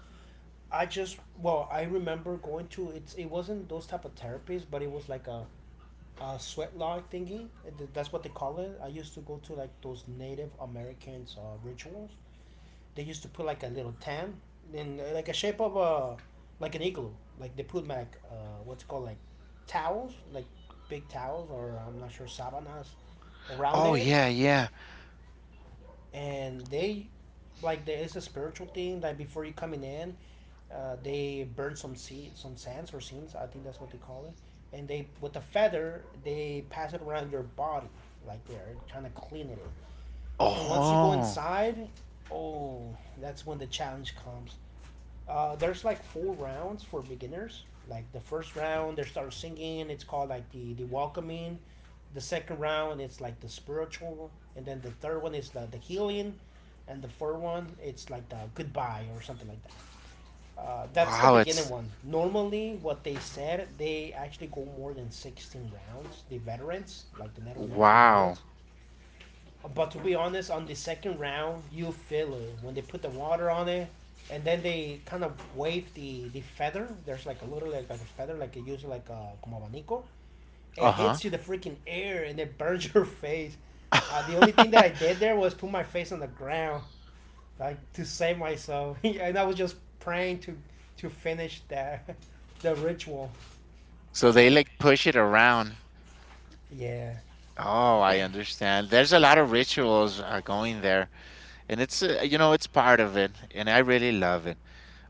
I just well, I remember going to it's it wasn't those type of therapies, but it was like a sweat lodge thingy. That's what they call it. I used to go to like those Native Americans rituals. They used to put like a little tent in like a shape of a like an igloo. Like they put like what's it called, like towels, like big towels, or I'm not sure, sabanas around Oh it. yeah, yeah. And they, like, there is a spiritual thing that before you coming in they burn some seed, some sands or seeds, I think that's what they call it. And they, with a feather, they pass it around your body, like they're trying to clean it. And once you go Oh inside, oh, that's when the challenge comes. There's like four rounds for beginners. Like the first round, they start singing. It's called like the welcoming. The second round, it's like the spiritual, and then the third one is the healing, and the fourth one, it's like the goodbye or something like that. That's the wow, beginning it's— one. Normally, what they said, they actually go more than 16 rounds. The veterans, like the Native American wow. veterans, but to be honest, on the second round, you feel it when they put the water on it, and then they kind of wave the feather. There's like a little, like a feather, like you use like a como abanico. It Uh-huh. hits you, the freaking air, and it burns (laughs) your face. The only thing that I did there was put my face on the ground, like to save myself, (laughs) and I was just praying to finish that (laughs) the ritual. (laughs) So they like push it around. Yeah. Oh, I understand. There's a lot of rituals are going there, and it's you know it's part of it, and I really love it.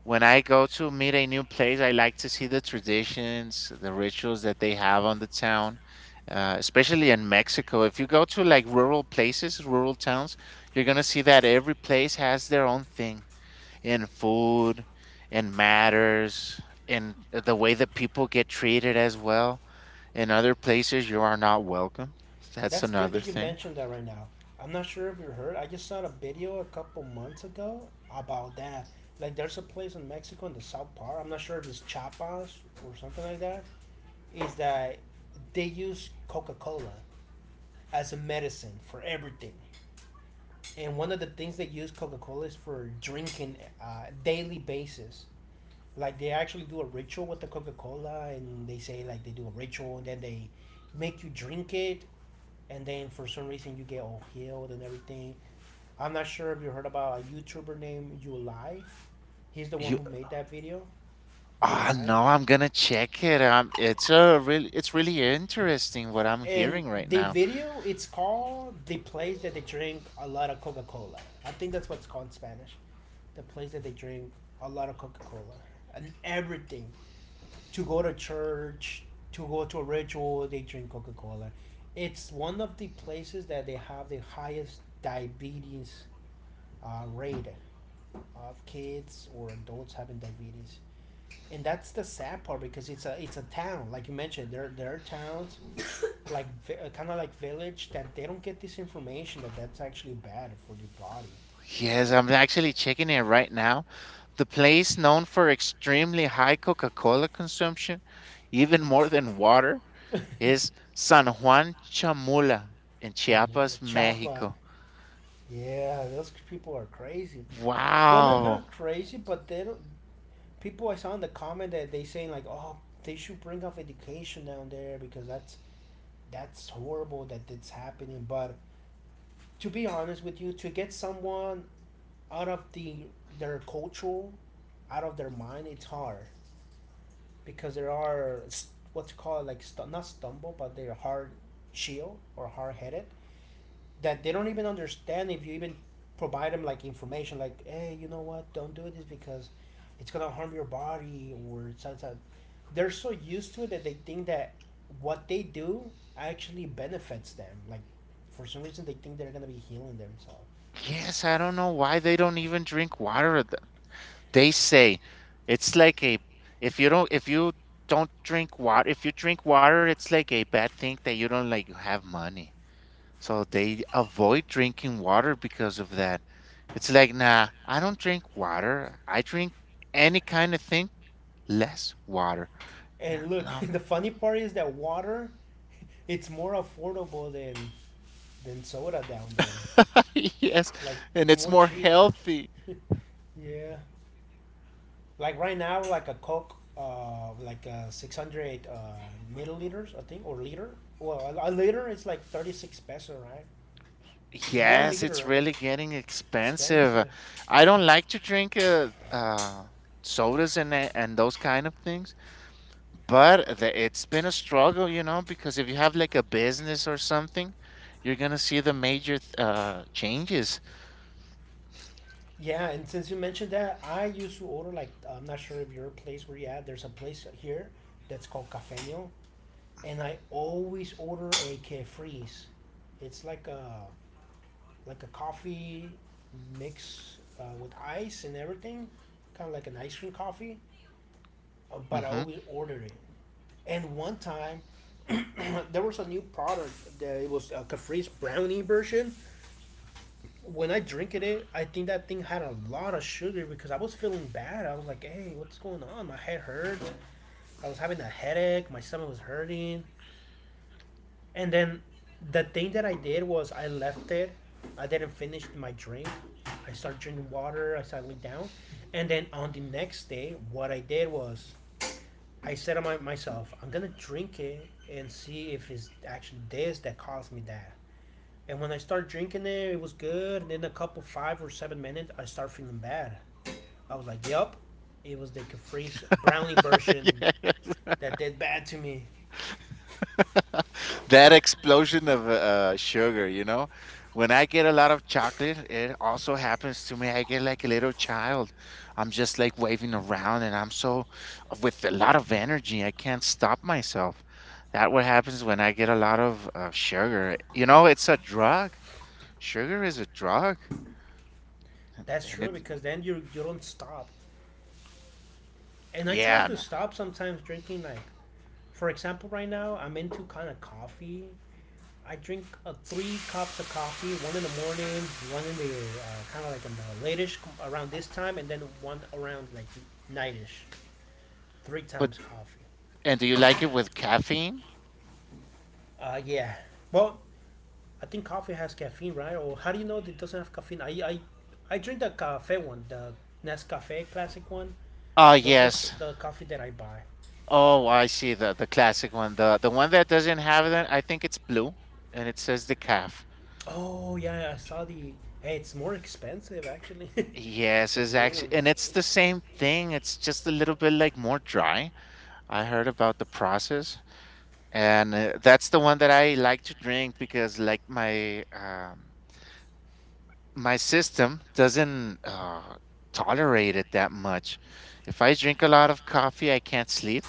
When I go to meet a new place, I like to see the traditions, the rituals that they have on the town, especially in Mexico. If you go to like rural places, rural towns, you're gonna see that every place has their own thing in food, in matters, in the way that people get treated as well in other places, you are not welcome. That's That's good another that you thing. mentioned that right now. I'm not sure if you heard, I just saw a video a couple months ago about that. Like, there's a place in Mexico in the South part. I'm not sure if it's Chiapas or something like that. Is that they use Coca Cola as a medicine for everything. And one of the things they use Coca Cola is for drinking daily basis. Like they actually do a ritual with the Coca Cola, and they say, like, they do a ritual, and then they make you drink it, and then for some reason you get all healed and everything. I'm not sure if you heard about a YouTuber named July. He's the one You who made that video. ah July. no, I'm gonna check it. It's a it's really interesting what I'm And hearing right the now. video, it's called the place that they drink a lot of Coca Cola. I think that's what's called in Spanish. The place that they drink a lot of Coca Cola and everything. To go to church, to go to a ritual, they drink Coca Cola. It's one of the places that they have the highest diabetes rate of kids or adults having diabetes. And that's the sad part, because it's a town, like you mentioned, there are towns like kind of like village that they don't get this information, that that's actually bad for the Yes, I'm actually checking it right now. The place known for extremely high Coca-Cola consumption, even more than water, body. Es San Juan Chamula in (laughs) Chamola, Chiapas, Chapa, Mexico. yeah, those people are crazy. Well, not Wow. not crazy, but they don't, people, I saw in the comment that they saying like, oh, they should bring up education down there, because that's horrible that it's happening. But to be honest with you, to get someone out of the their cultural, out of their mind, it's hard, because there are what's called like not stumble, but they're hard chill or hard headed, that they don't even understand if you even provide them like information, like, hey, you know what, don't do this because it's gonna harm your body or such. It's they're so used to it that they think that what they do actually benefits them. Like, for some reason they think they're gonna be healing themselves. Yes, I don't know why they don't even drink water. They say it's like a if you don't drink water, if you drink water, it's like a bad thing that you don't like have money. So they avoid drinking water because of that. It's like, nah, I don't drink water. I drink any kind of thing, less water. Yeah, And look, (laughs) no, the funny part is that water, (laughs) it's more affordable than soda down there. (laughs) yes, Like and it's it's more more cheap. healthy. (laughs) Yeah. Like right now, like a Coke, like 600 milliliters, I think, or liter. Well, a liter is like 36 peso, right? One Yes, it's liter, really it's getting expensive. expensive. I don't like to drink sodas and and those kind of things, but it's been a struggle, you know, because if you have like a business or something, you're gonna see the major changes. Yeah, and since you mentioned that, I used to order, like, I'm not sure if your place where you at. There's a place here that's called Cafeño, and I always order a Carefree's. It's like a coffee mix with ice and everything, kind of like an ice cream coffee. But I Hmm. always order it. And one time, (clears throat) there was a new product that it was a Caprice brownie version. When I drink it, I think that thing had a lot of sugar because I was feeling bad. I was like, "Hey, what's going on? My head hurt. I was having a headache. My stomach was hurting." And then the thing that I did was I left it. I didn't finish my drink. I started drinking water. I settled down. And then on the next day, what I did was I said to myself, I'm going to drink it and see if it's actually this that caused me that. And when I started drinking it, it was good. And then a couple, 5 or 7 minutes, I start feeling bad. I was like, yup, it was the Caprice brownie (laughs) version Yeah. that did bad to me. That explosion of sugar, you know. When I get a lot of chocolate, it also happens to me. I get like a little child. I'm just like waving around and I'm so with a lot of energy. I can't stop myself. That what happens when I get a lot of sugar. You know, it's a drug. Sugar is a drug. And That's and true, it because then you don't stop. And I try yeah, to no. stop sometimes drinking. Like, for example, right now I'm into kind of coffee. I drink three cups of coffee, one in the morning, one in the kind of like in the latish, around this time, and then one around like nightish. Three But times coffee. and do you like it with caffeine? Yeah. Well, I think coffee has caffeine, right? Or how do you know that it doesn't have caffeine? I drink the cafe one, the Nescafe classic one. Oh, Those are yes. the coffee that I buy. Oh, I see the classic one. The one that doesn't have that, I think it's blue and it says the calf. Oh yeah, yeah, I saw the. Hey, it's more expensive actually. (laughs) Yes, The it's blue actually, one. and it's the same thing. It's just a little bit like more dry. I heard about the process, and that's the one that I like to drink because like my my system doesn't tolerate it that much. If I drink a lot of coffee, I can't sleep.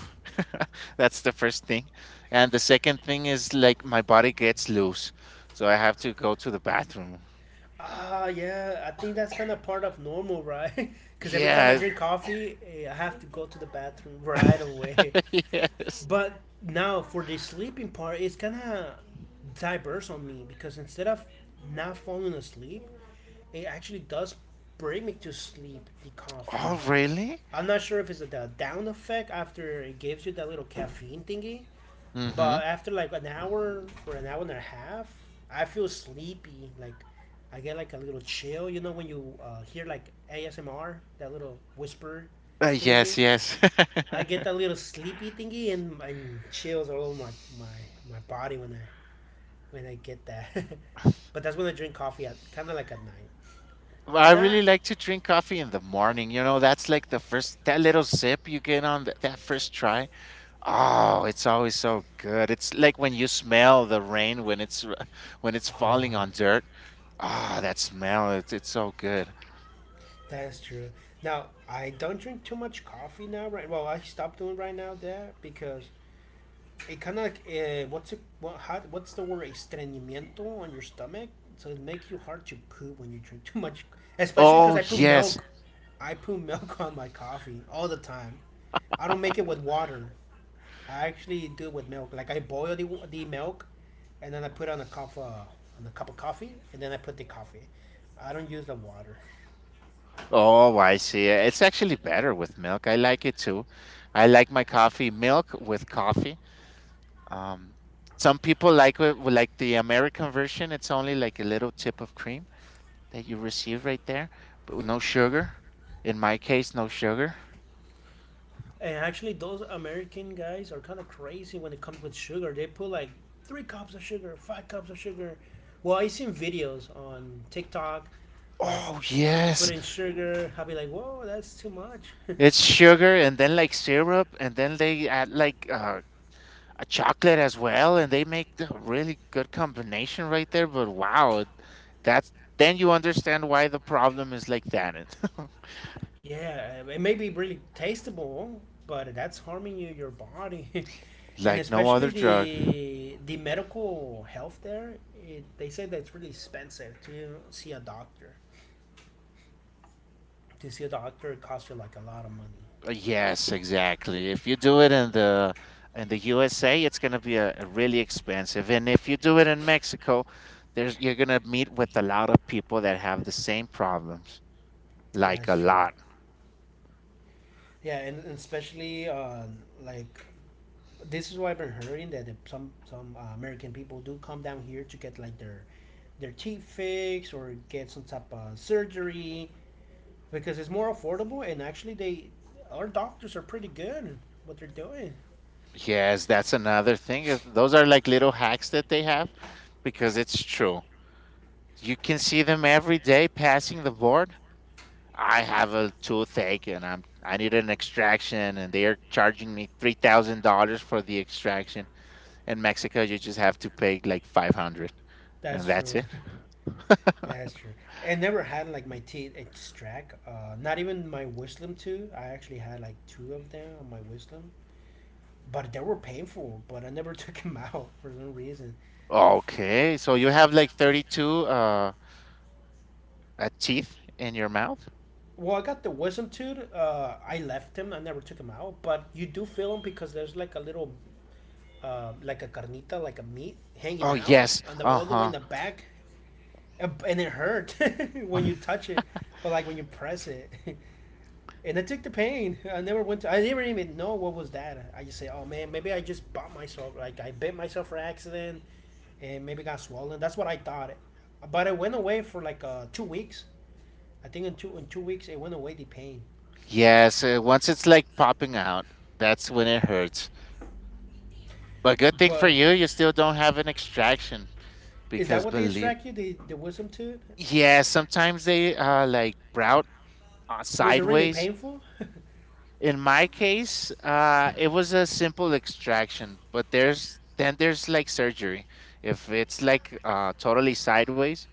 (laughs) That's the first thing. And the second thing is like my body gets loose. So I have to go to the bathroom. Ah yeah, I think that's kind of part of normal, right? (laughs) Because every time I Yeah. drink coffee, I have to go to the bathroom right away. (laughs) (laughs) Yes. But now for the sleeping part, it's kind of diverse on me, because instead of not falling asleep, it actually does bring me to sleep. The coffee. Oh, really? I'm not sure if it's a down effect after it gives you that little caffeine thingy. Mm-hmm. But after like an hour or an hour and a half, I feel sleepy. Like I get like a little chill. You know when you hear like ASMR, that little whisper Yes, thingy. yes. (laughs) I get that little sleepy thingy, and chills all over my, my, my body when I get that. (laughs) But that's when I drink coffee at kind of like at night. Well, I Not really like to drink coffee in the morning. You know, that's like the first, that little sip you get on that first try. Oh, it's always so good. It's like when you smell the rain when it's (laughs) when it's oh, falling on dirt. Ah, that smell, it's so good. that is true. Now I don't drink too much coffee now. Right? Well, I stopped doing right now that because it kind of like what's it what how, what's the word, estreñimiento on your stomach, so it makes you hard to poop when you drink too much, especially because Oh, I put yes. milk, I put milk (laughs) on my coffee all the time. I don't make it with water. I actually do it with milk. Like I boil the milk, and then I put on a cup of coffee, and then I put the coffee. I don't use the water. Oh, I see. It's actually better with milk. I like it too. I like my coffee milk with coffee. Um, some people like it with, like the American version. It's only like a little tip of cream that you receive right there, but with no sugar. In my case, no sugar. And actually, those American guys are kind of crazy when it comes with sugar. They put like three cups of sugar, five cups of sugar. Well, I seen videos on TikTok, like Oh, people put yes. in sugar. I'll be like, whoa, that's too much. (laughs) It's sugar and then like syrup, and then they add like a chocolate as well, and they make a really good combination right there. But wow, that's then you understand why the problem is like that. (laughs) Yeah, it may be really tastable, but that's harming you, your body. (laughs) And Like no other especially drug. the medical health there, it, they say that it's really expensive to see a doctor. To see a doctor, it costs you like a lot of money. Yes, exactly. If you do it in the USA, it's gonna be a really expensive. And if you do it in Mexico, there's you're gonna meet with a lot of people that have the same problems. Like That's a true. lot. Yeah, and especially on like this is what I've been hearing, that if some American people do come down here to get like their teeth fixed or get some type of surgery, because it's more affordable, and actually they our doctors are pretty good at what they're doing. Yes, that's another thing. Those are like little hacks that they have because it's true. You can see them every day passing the board. I have a toothache and I need an extraction and they are charging me $3,000 for the extraction. In Mexico, you just have to pay like 500, That's and that's true. it. (laughs) That's true. And never had like my teeth extract. Not even my wisdom tooth. I actually had like two of them on my wisdom, but they were painful. But I never (laughs) took them out for some reason. Okay, so you have like 32 teeth in your mouth? Well, I got the wisdom tooth. I left him. I never took him out. But you do feel him, because there's like a little, like a carnita, like a meat hanging Oh, out, yes. and the, all the way in Uh-huh. the back, and it hurt (laughs) when you touch it, or like when you press it. (laughs) And I took the pain. I never went. To, I didn't even know what was that. I just say, oh man, maybe I just bought myself. Like I bit myself for accident, and maybe got swollen. That's what I thought. But it went away for like 2 weeks. I think in 2 weeks it went away the pain. Yes, once it's like popping out, that's when it hurts. But good thing for But you, you still don't have an extraction is that because what they believe extract you? The wisdom tooth? yeah, sometimes they like brout Was it really sideways. painful? (laughs) In my case, it was a simple extraction, but there's then there's like surgery. If it's like totally sideways,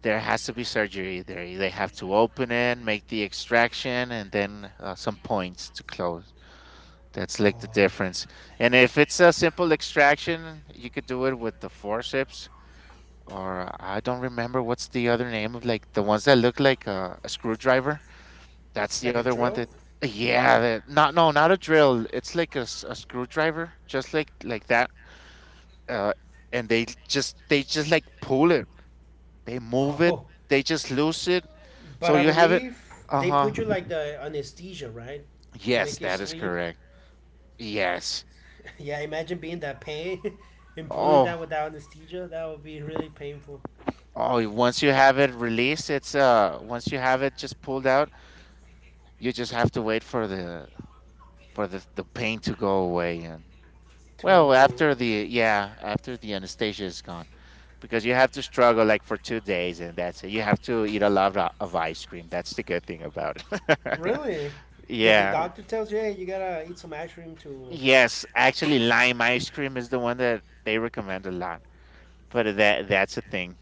there has to be surgery. They have to open it, make the extraction, and then some points to close. That's like the Oh, difference. And if it's a simple extraction, you could do it with the forceps, or I don't remember what's the other name of like the ones that look like a screwdriver. That's the like a other one drill? that, yeah, that, not no, not a drill. It's like a screwdriver, just like that. Uh, and they just like pull it. They move it. Oh, They just loose it. but So I you have it. believe Uh they huh. put you like the anesthesia, right? To Yes, make you that is sleep. correct. Yes. (laughs) Yeah, imagine being that pain (laughs) and pulling Oh, that without anesthesia. That would be really painful. oh, once you have it released, it's once you have it just pulled out, you just have to wait for the for the pain to go away and well, To after the yeah, after the anesthesia is gone. Because you have to struggle like for two days and that's it. You have to eat a lot of ice cream. That's the good thing about it. Really? (laughs) Did the Yeah. doctor tells you, "Hey, you gotta eat some ice cream to Yes, actually lime ice cream is the one that they recommend a lot. But that that's a thing.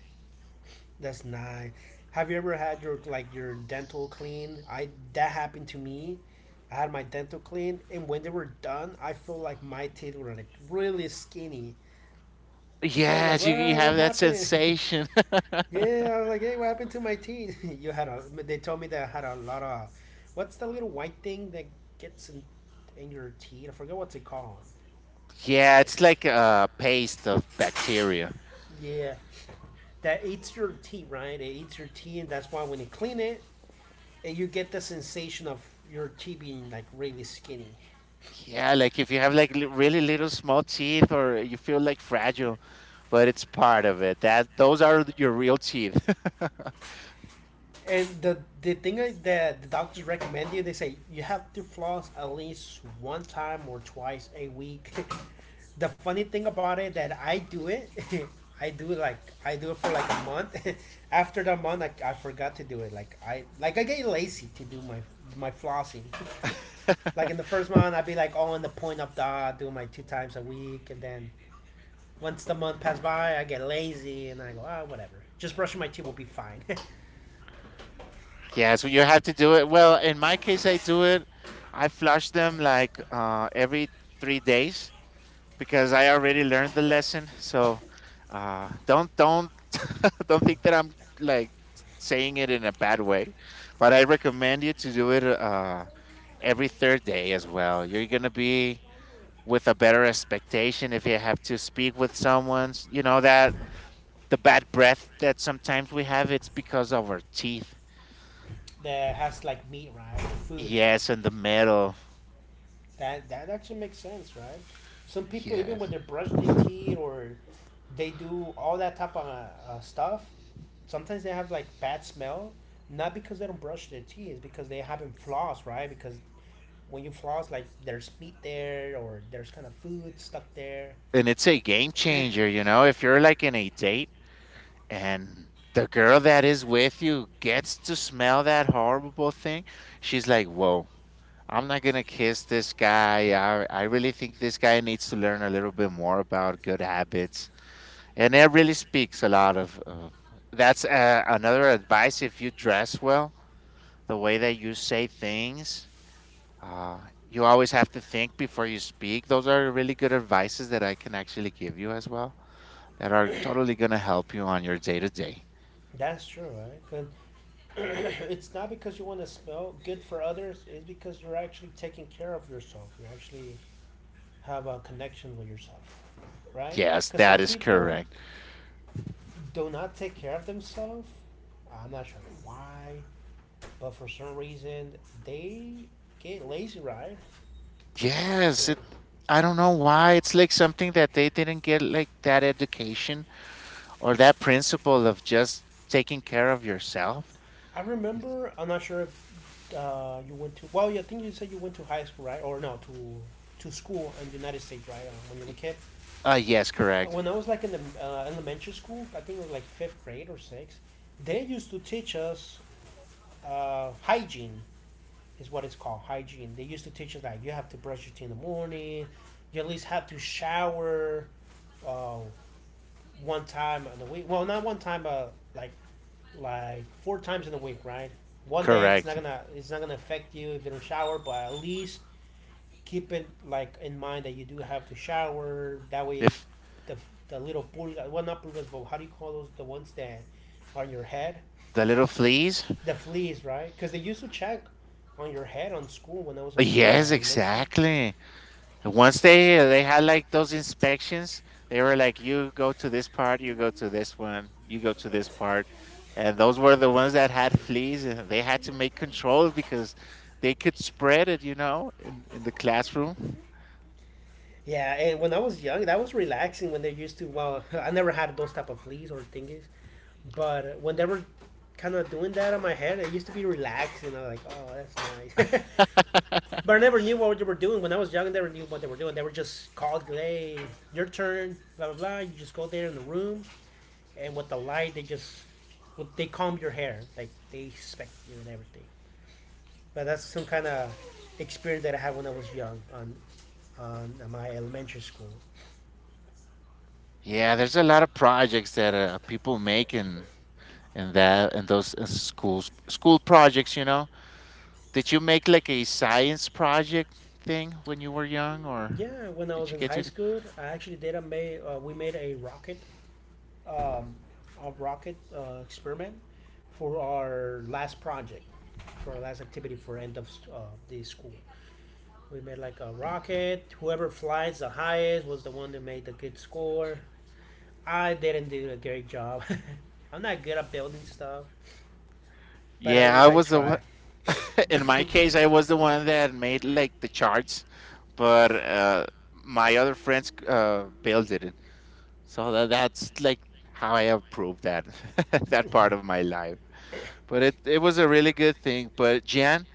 That's nice. Have you ever had your dental clean? I That happened to me. I had my dental clean, and when they were done, I felt like my teeth were like really skinny. I was like, Yes, you "What? What have that happened?" sensation. (laughs) Yeah, I was like, "Hey, what happened to my teeth?" (laughs) you had a. They told me that I had a lot of. What's the little white thing that gets in your teeth? I forget what's it called. Yeah, Okay. it's like a paste of bacteria. Yeah, that eats your teeth, right? It eats your teeth, and that's why when you clean it, and you get the sensation of your tea being like really skinny. Yeah, like if you have like really little small teeth or you feel like fragile, but it's part of it. That those are your real teeth. And the thing that the doctors recommend you, they say you have to floss at least one time or twice a week. (laughs) The funny thing about it that (laughs) I do it like I do it for like a month. (laughs) After the month, I forgot to do it. Like I get lazy to do my flossing. (laughs) Like in the (laughs) first month, I'd be like, "Oh, on the point of that doing my two times a week," and then once the month passes by, I get lazy and I go, "Ah, oh, whatever. Just brushing my teeth will be fine." Yeah, so you have to do it. Well, in my case, I do it. I flush them like every 3 days, because I already learned the lesson. So don't (laughs) don't think that I'm like saying it in a bad way, but I recommend you to do it every third day as well. You're gonna be with a better expectation if you have to speak with someone. You know that the bad breath that sometimes we have it's because of our teeth. (laughs) That has like meat, right? Or food. Yes, and the metal. That actually makes sense, right? Some people, even when Yes. they brush their (sighs) teeth or they do all that type of stuff, sometimes they have like bad smell. Not because they don't brush their teeth, it's because they haven't flossed, right? Because when you floss, like there's meat there or there's kind of food stuck there. And it's a game changer, you know. If you're like in a date and the girl that is with you gets to smell that horrible thing, she's like, "Whoa, I'm not gonna kiss this guy. I really think this guy needs to learn a little bit more about good habits." And it really speaks a lot of that's another advice. If you dress well, the way that you say things, uh, you always have to think before you speak. Those are really good advices that I can actually give you as well. That are totally gonna help you on your day to day. That's true, right? 'Cause (clears throat) it's not because you want to smell good for others. It's because you're actually taking care of yourself. You actually have a connection with yourself, right? Yes, Because that some is people correct. do not take care of themselves. I'm not sure why, but for some reason they get lazy, right? Yes, it They're- I don't know why it's like something that they didn't get like that education or that principle of just taking care of yourself. I It's- remember. I'm not sure if you went to. Well, yeah, I think you said you went to high school, right? Or no, to school in the United States, right? When you were a kid. Yes, correct. When I was like in the elementary school, I think it was like fifth grade or sixth, they used to teach us hygiene, is what it's called, hygiene. They used to teach us that you have to brush your teeth in the morning, you at least have to shower uh, one time in a week. Well, not one time, but like four times in a week, right? One day it's not Correct. gonna it's not gonna affect you if you don't shower, but at least keep it like in mind that you do have to shower. That way, If the the little pulgas, well, not pulgas, but how do you call those? The ones that on your head, the little fleas? (laughs) the fleas, right? Because they used to check on your head on school when I was in Yes, elementary. exactly. And once they had like those inspections, they were like, "You go to this part, you go to this one, you go to this part," and those were the ones that had fleas, and they had to make controls because they could spread it, you know, in the classroom. Yeah, and when I was young, that was relaxing when they used to. Well, (laughs) I never had those type of fleas or thingies, but when they were kind of doing that on my head, it used to be relaxing. I was like, "Oh, that's nice." (laughs) But I never knew what they were doing when I was young. I never knew what they were doing. They were just called, "Hey, your turn." Blah blah blah. You just go there in the room, and with the light, they comb your hair, like they inspect you and everything. But that's some kind of experience that I had when I was young on my elementary school. Yeah, there's a lot of projects that people make in that in those schools school projects, you know. Did you make like a science project thing when you were young, or Yeah, when I did was you in get high to? school, I actually did a made we made a rocket um, experiment for our last project, for our last activity, for end of the school. We made like a rocket. Whoever flies the highest was the one that made the good score. I didn't do a great job. (laughs) I'm not good at building stuff, but at Yeah, I least I was the one- try. in my case, I was the one that made like the charts, but my other friends built it. So that's like how I have proved that (laughs) that part of my life. But it was a really good thing. But Jan,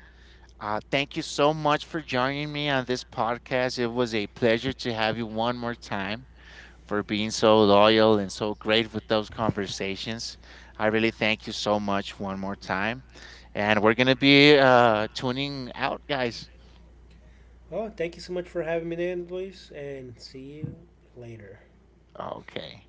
thank you so much for joining me on this podcast. It was a pleasure to have you one more time for being so loyal and so great with those conversations. I really thank you so much one more time. And we're going to be tuning out, guys. Well, thank you so much for having me in, Luis, and see you later. Okay.